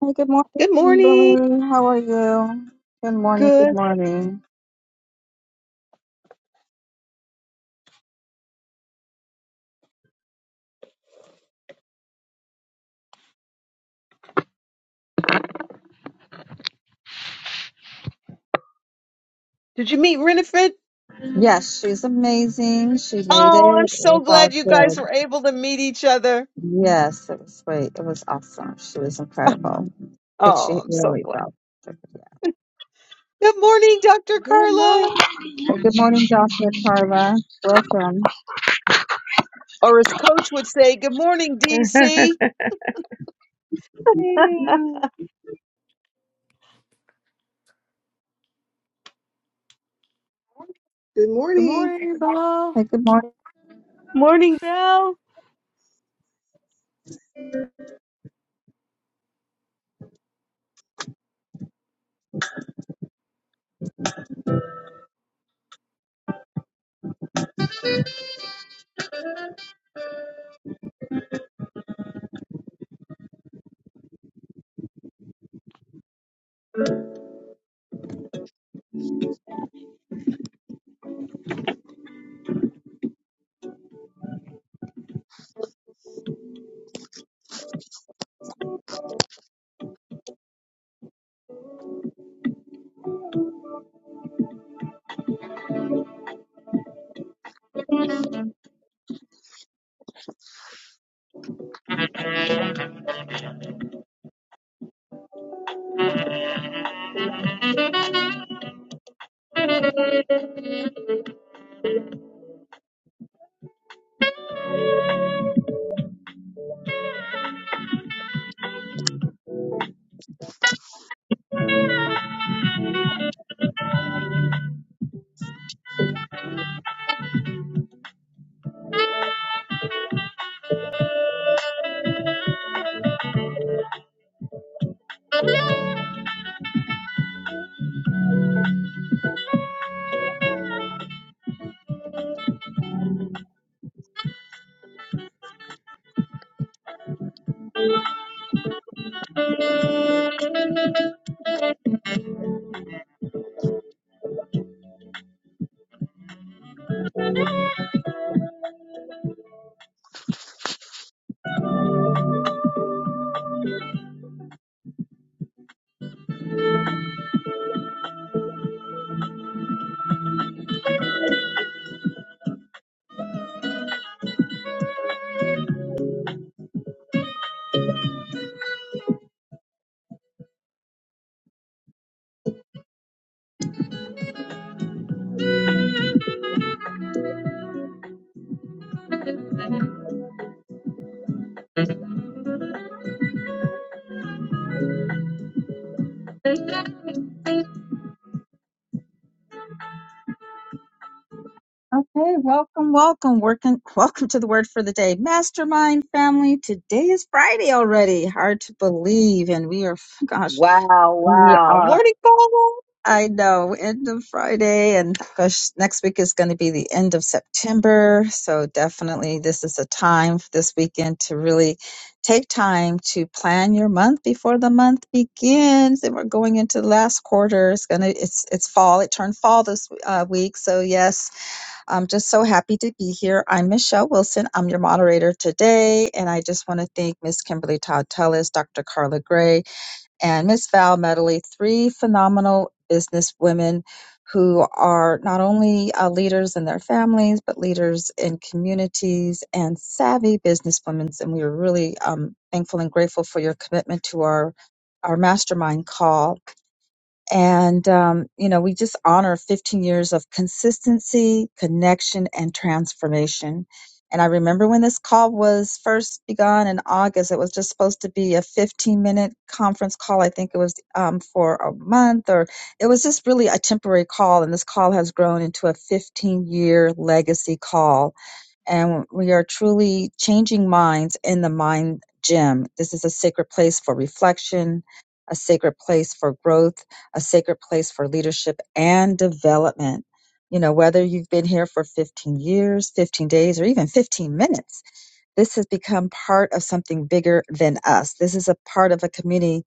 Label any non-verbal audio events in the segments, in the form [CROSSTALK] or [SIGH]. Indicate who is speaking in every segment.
Speaker 1: Hey, good morning,
Speaker 2: Good morning.
Speaker 1: Kimberly. How are you? Good morning. Good
Speaker 2: Good.
Speaker 1: morning.
Speaker 2: Did you meet Renifred?
Speaker 1: Yes, she's amazing. She made it.
Speaker 2: Oh, I'm
Speaker 1: It
Speaker 2: so
Speaker 1: was all
Speaker 2: glad you guys
Speaker 1: good.
Speaker 2: were able to meet each other.
Speaker 1: Yes, it was great. It was awesome. She was incredible. I think she
Speaker 2: Oh, I'm so
Speaker 1: really
Speaker 2: glad.
Speaker 1: felt. it, Yeah.
Speaker 2: Good morning, Dr.
Speaker 3: Good
Speaker 2: Carla.
Speaker 3: morning.
Speaker 1: Hey, good morning, Dr. Carla. Welcome.
Speaker 2: Or as Coach would say, good morning, DC.
Speaker 3: Yeah.
Speaker 4: Good
Speaker 3: Good
Speaker 4: morning.
Speaker 3: morning, Bob.
Speaker 1: Hey, good morning.
Speaker 2: Morning, Belle.
Speaker 1: Okay, welcome, welcome, working, welcome to the word for the day, mastermind family. Today is Friday already. Hard to believe, and we are, [LAUGHS] gosh,
Speaker 2: Wow,
Speaker 1: we
Speaker 2: wow.
Speaker 1: are.
Speaker 2: Morning, Paula.
Speaker 1: I know, end of Friday, and gosh, next week is going to be the end of September. So, definitely, this is a time f- this weekend to really take time to plan your month before the month begins. And we're going into the last quarter. It's gonna, it's it's fall. It turned fall this uh, week. So, yes, I'm just so happy to be here. I'm Michelle Wilson. I'm your moderator today, and I just want to thank Miss Kimberly Todd Tellis, Dr. Carla Gray and Miss Val Medley, three phenomenal business women who are not only uh, leaders in their families, but leaders in communities and savvy businesswomen. And we are really um, thankful and grateful for your commitment to our, our mastermind call. And, um, you know, we just honor 15 years of consistency, connection, and transformation. And I remember when this call was first begun in August, it was just supposed to be a 15 minute conference call. I think it was um, for a month, or it was just really a temporary call. And this call has grown into a 15 year legacy call and we are truly changing minds in the mind gym. This is a sacred place for reflection, a sacred place for growth, a sacred place for leadership and development. You know, whether you've been here for 15 years, 15 days, or even 15 minutes, this has become part of something bigger than us. This is a part of a community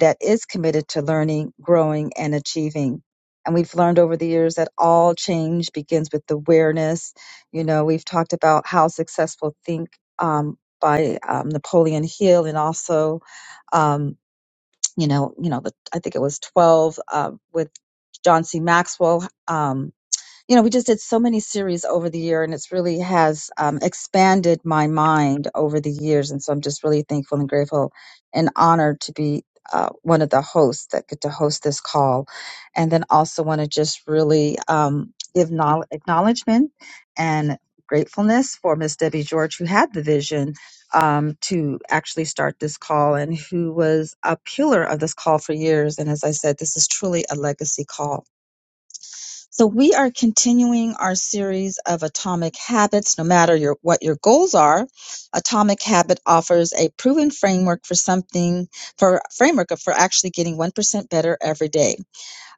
Speaker 1: that is committed to learning, growing, and achieving. And we've learned over the years that all change begins with awareness. You know, we've talked about how successful think um, by um, Napoleon Hill, and also, um, you know, you know, the, I think it was twelve uh, with John C. Maxwell. Um, you know, we just did so many series over the year, and it's really has um, expanded my mind over the years. And so I'm just really thankful and grateful and honored to be uh, one of the hosts that get to host this call. And then also want to just really um, give knowl- acknowledgement and gratefulness for Miss Debbie George, who had the vision um, to actually start this call and who was a pillar of this call for years. And as I said, this is truly a legacy call so we are continuing our series of atomic habits. No matter your what your goals are, atomic habit offers a proven framework for something for framework for actually getting one percent better every day.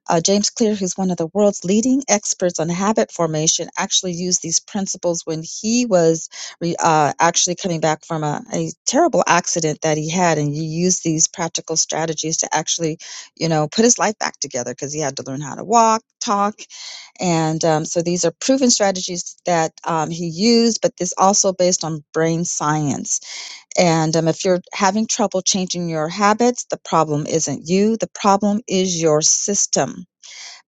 Speaker 1: Uh, James Clear, who's one of the world's leading experts on habit formation, actually used these principles when he was re, uh, actually coming back from a, a terrible accident that he had, and he used these practical strategies to actually, you know, put his life back together because he had to learn how to walk, talk, and um, so these are proven strategies that um, he used, but this also based on brain science. And um, if you're having trouble changing your habits, the problem isn't you, the problem is your system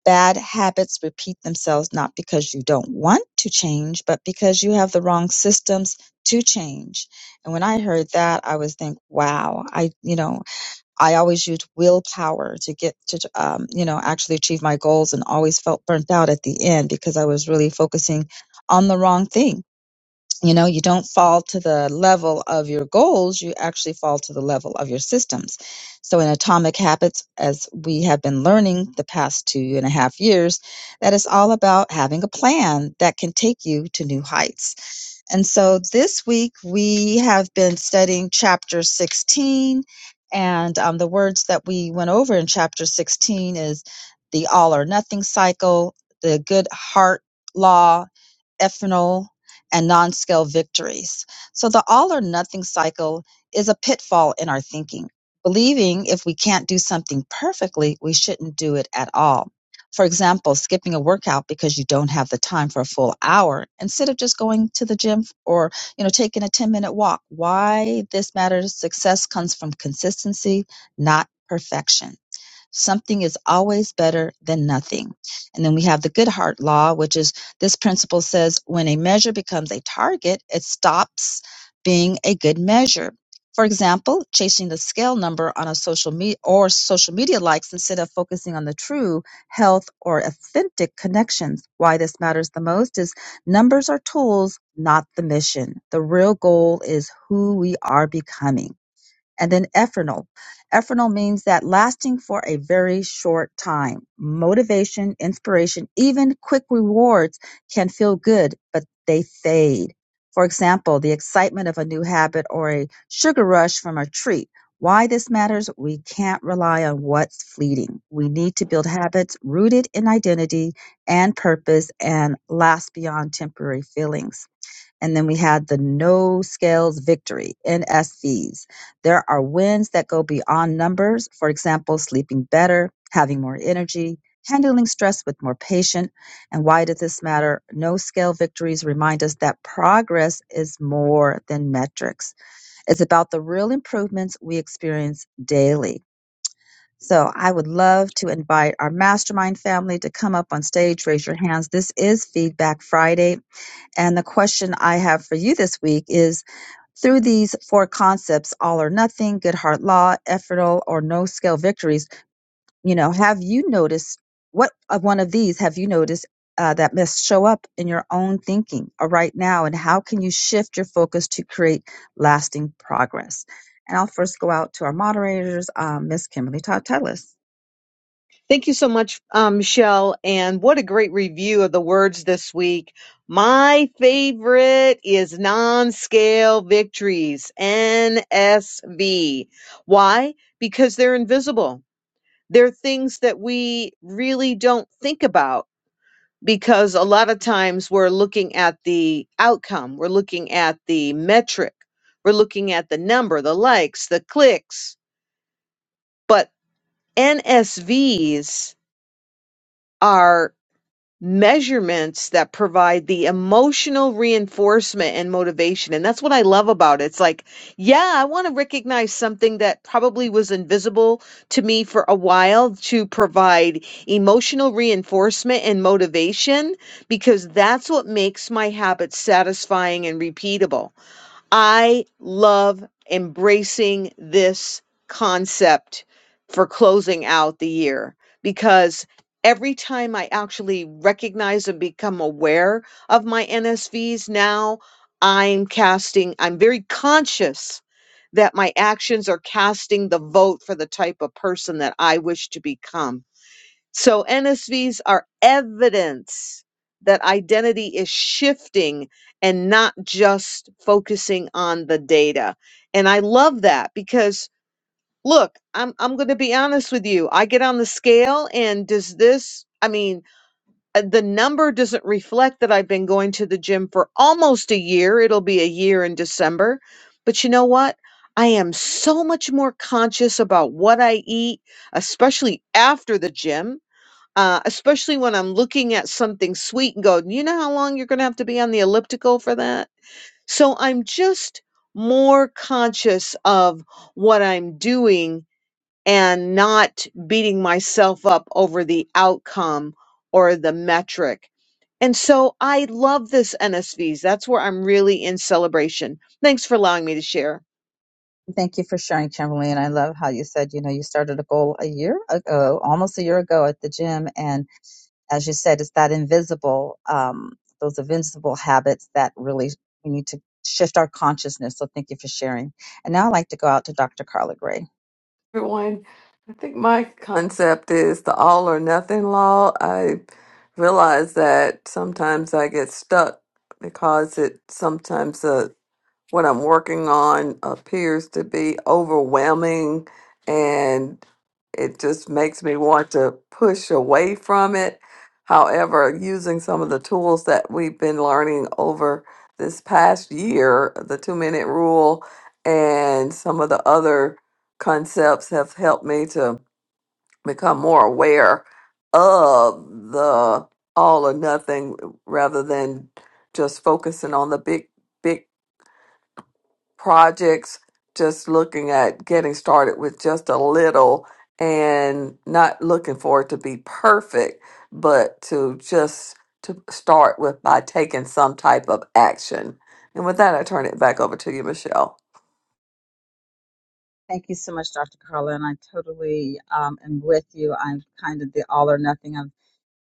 Speaker 1: Bad habits repeat themselves not because you don't want to change, but because you have the wrong systems to change. And when I heard that, I was think, wow, I, you know, I always used willpower to get to, um, you know, actually achieve my goals and always felt burnt out at the end because I was really focusing on the wrong thing you know, you don't fall to the level of your goals, you actually fall to the level of your systems. So, in Atomic Habits, as we have been learning the past two and a half years, that is all about having a plan that can take you to new heights. And so, this week we have been studying chapter 16, and um, the words that we went over in chapter 16 is the all or nothing cycle, the good heart law, ethanol, and non scale victories. So the all or nothing cycle is a pitfall in our thinking, believing if we can't do something perfectly, we shouldn't do it at all. For example, skipping a workout because you don't have the time for a full hour instead of just going to the gym or, you know, taking a 10 minute walk. Why this matters, success comes from consistency, not perfection. Something is always better than nothing. And then we have the good heart law, which is this principle says when a measure becomes a target, it stops being a good measure. For example, chasing the scale number on a social media or social media likes instead of focusing on the true health or authentic connections. Why this matters the most is numbers are tools, not the mission. The real goal is who we are becoming. And then ephernal. Ephernal means that lasting for a very short time. Motivation, inspiration, even quick rewards can feel good, but they fade. For example, the excitement of a new habit or a sugar rush from a treat. Why this matters, we can't rely on what's fleeting. We need to build habits rooted in identity and purpose and last beyond temporary feelings. And then we had the no scales victory, NSVs. There are wins that go beyond numbers. For example, sleeping better, having more energy, handling stress with more patience. And why did this matter? No scale victories remind us that progress is more than metrics. It's about the real improvements we experience daily. So I would love to invite our mastermind family to come up on stage, raise your hands. This is Feedback Friday and the question I have for you this week is through these four concepts, all or nothing, good heart law, effortal or no scale victories, you know, have you noticed what of one of these have you noticed uh, that must show up in your own thinking uh, right now? And how can you shift your focus to create lasting progress? And I'll first go out to our moderators, um, Miss Kimberly Todd Tellis.
Speaker 2: Thank you so much, um, Michelle. And what a great review of the words this week. My favorite is non scale victories, NSV. Why? Because they're invisible. They're things that we really don't think about because a lot of times we're looking at the outcome, we're looking at the metric, we're looking at the number, the likes, the clicks. But NSVs are measurements that provide the emotional reinforcement and motivation. And that's what I love about it. It's like, yeah, I want to recognize something that probably was invisible to me for a while to provide emotional reinforcement and motivation because that's what makes my habits satisfying and repeatable. I love embracing this concept for closing out the year because every time I actually recognize and become aware of my NSVs now, I'm casting, I'm very conscious that my actions are casting the vote for the type of person that I wish to become so NSVs are evidence that identity is shifting and not just focusing on the data. And I love that because look, I'm I'm going to be honest with you. I get on the scale and does this I mean, uh, the number doesn't reflect that I've been going to the gym for almost a year. It'll be a year in December. But you know what? I am so much more conscious about what I eat, especially after the gym uh, especially when I'm looking at something sweet and go, you know how long you're going to have to be on the elliptical for that? So I'm just more conscious of what I'm doing and not beating myself up over the outcome or the metric. And so I love this NSVs. That's where I'm really in celebration. Thanks for allowing me to share.
Speaker 1: Thank you for sharing, Chamberlain. I love how you said, you know, you started a goal a year ago, almost a year ago at the gym. And as you said, it's that invisible, um, those invincible habits that really we need to shift our consciousness. So thank you for sharing. And now I'd like to go out to Dr. Carla Gray.
Speaker 3: Everyone. I think my concept is the all or nothing law. I realize that sometimes I get stuck because it sometimes uh, what I'm working on appears to be overwhelming and it just makes me want to push away from it. However, using some of the tools that we've been learning over this past year, the two minute rule and some of the other concepts have helped me to become more aware of the all or nothing rather than just focusing on the big, big projects, just looking at getting started with just a little and not looking for it to be perfect, but to just to start with by taking some type of action. And with that, I turn it back over to you, Michelle.
Speaker 1: Thank you so much, Dr. Carla. And I totally um, am with you. I'm kind of the all or nothing.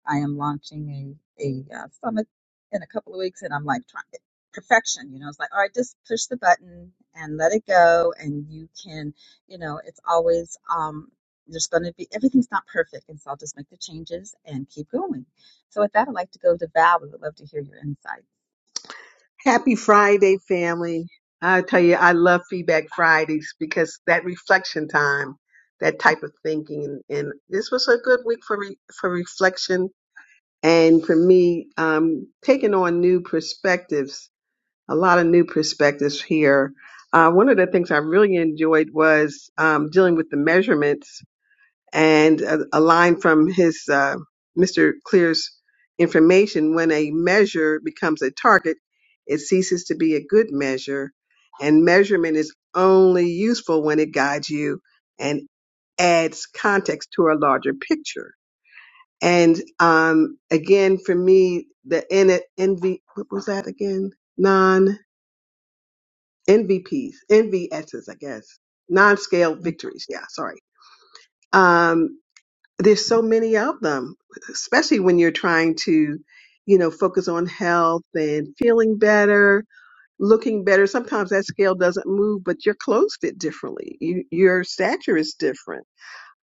Speaker 1: I am launching a a uh, summit in a couple of weeks, and I'm like trying perfection. You know, it's like all right, just push the button and let it go, and you can. You know, it's always um, there's going to be everything's not perfect, and so I'll just make the changes and keep going. So with that, I'd like to go to Val. We would love to hear your insights.
Speaker 4: Happy Friday, family. I tell you, I love Feedback Fridays because that reflection time, that type of thinking. And, and this was a good week for, re, for reflection and for me, um, taking on new perspectives, a lot of new perspectives here. Uh, one of the things I really enjoyed was um, dealing with the measurements and a, a line from his uh, Mr. Clear's information: when a measure becomes a target, it ceases to be a good measure, and measurement is only useful when it guides you and adds context to a larger picture. And um, again, for me, the N- NV, what was that again? Non N V P's N V S's, I guess, non-scale victories. Yeah, sorry. Um, there's so many of them, especially when you're trying to, you know, focus on health and feeling better, looking better. Sometimes that scale doesn't move, but you're clothed it differently. You, your stature is different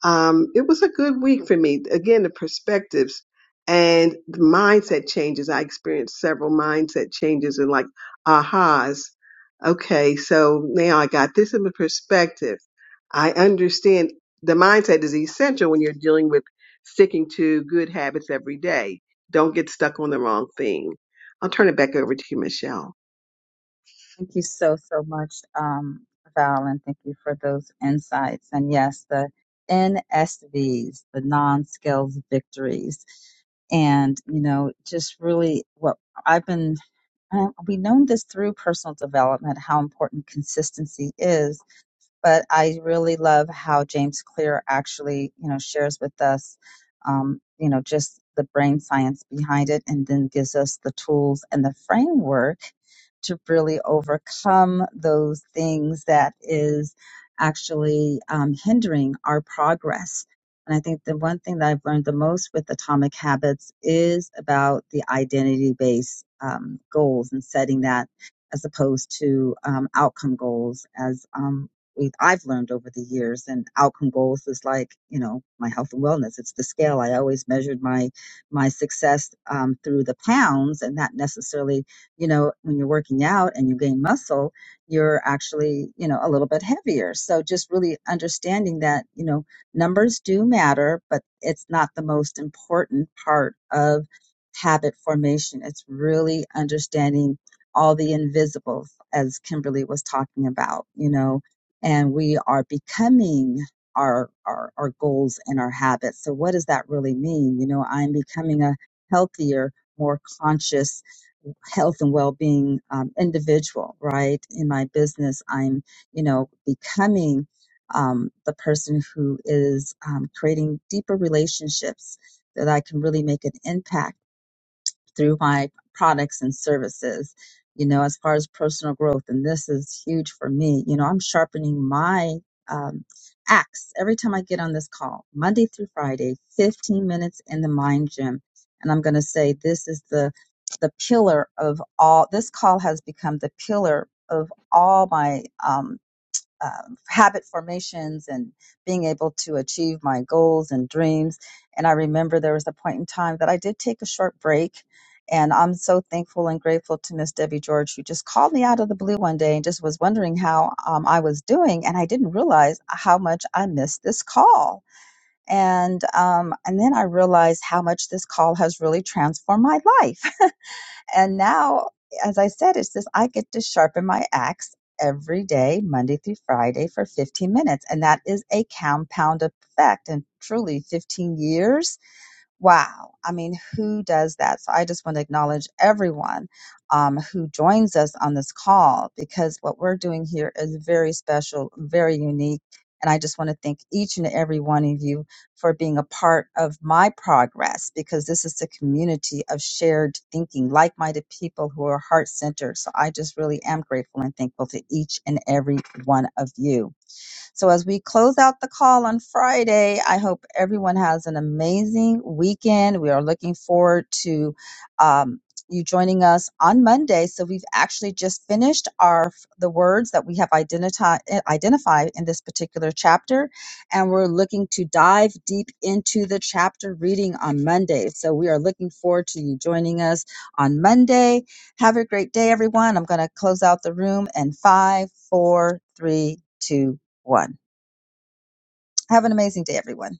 Speaker 4: um, it was a good week for me. Again, the perspectives and the mindset changes. I experienced several mindset changes and like ahas. Okay, so now I got this in the perspective. I understand the mindset is essential when you're dealing with sticking to good habits every day. Don't get stuck on the wrong thing. I'll turn it back over to you, Michelle.
Speaker 1: Thank you so, so much, um, Val, and thank you for those insights. And yes, the NSVs, the non-skills victories. And, you know, just really what I've been, uh, we know this through personal development, how important consistency is but I really love how James Clear actually, you know, shares with us, um, you know, just the brain science behind it, and then gives us the tools and the framework to really overcome those things that is actually um, hindering our progress. And I think the one thing that I've learned the most with Atomic Habits is about the identity based um, goals and setting that as opposed to um, outcome goals, as um, we I've learned over the years and outcome goals is like you know my health and wellness it's the scale I always measured my my success um, through the pounds and not necessarily you know when you're working out and you gain muscle you're actually you know a little bit heavier so just really understanding that you know numbers do matter but it's not the most important part of habit formation it's really understanding all the invisibles as Kimberly was talking about you know and we are becoming our, our our goals and our habits so what does that really mean you know i'm becoming a healthier more conscious health and well-being um, individual right in my business i'm you know becoming um, the person who is um, creating deeper relationships that i can really make an impact through my products and services, you know, as far as personal growth. And this is huge for me. You know, I'm sharpening my um, axe every time I get on this call, Monday through Friday, 15 minutes in the mind gym. And I'm going to say this is the the pillar of all this call has become the pillar of all my um, um, habit formations and being able to achieve my goals and dreams. And I remember there was a point in time that I did take a short break. And I'm so thankful and grateful to Miss Debbie George, who just called me out of the blue one day and just was wondering how um, I was doing. And I didn't realize how much I missed this call. And um, and then I realized how much this call has really transformed my life. And now, as I said, it's just I get to sharpen my axe every day, Monday through Friday, for 15 minutes. And that is a compound effect. And truly, 15 years Wow. I mean, who does that? So I just want to acknowledge everyone um, who joins us on this call because what we're doing here is very special, very unique. And I just want to thank each and every one of you for being a part of my progress because this is a community of shared thinking, like minded people who are heart centered. So I just really am grateful and thankful to each and every one of you. So, as we close out the call on Friday, I hope everyone has an amazing weekend. We are looking forward to um, you joining us on Monday. So, we've actually just finished our the words that we have identified identified in this particular chapter, and we're looking to dive deep into the chapter reading on Monday. So, we are looking forward to you joining us on Monday. Have a great day, everyone. I'm going to close out the room in five, four, three, two, one. Have an amazing day, everyone.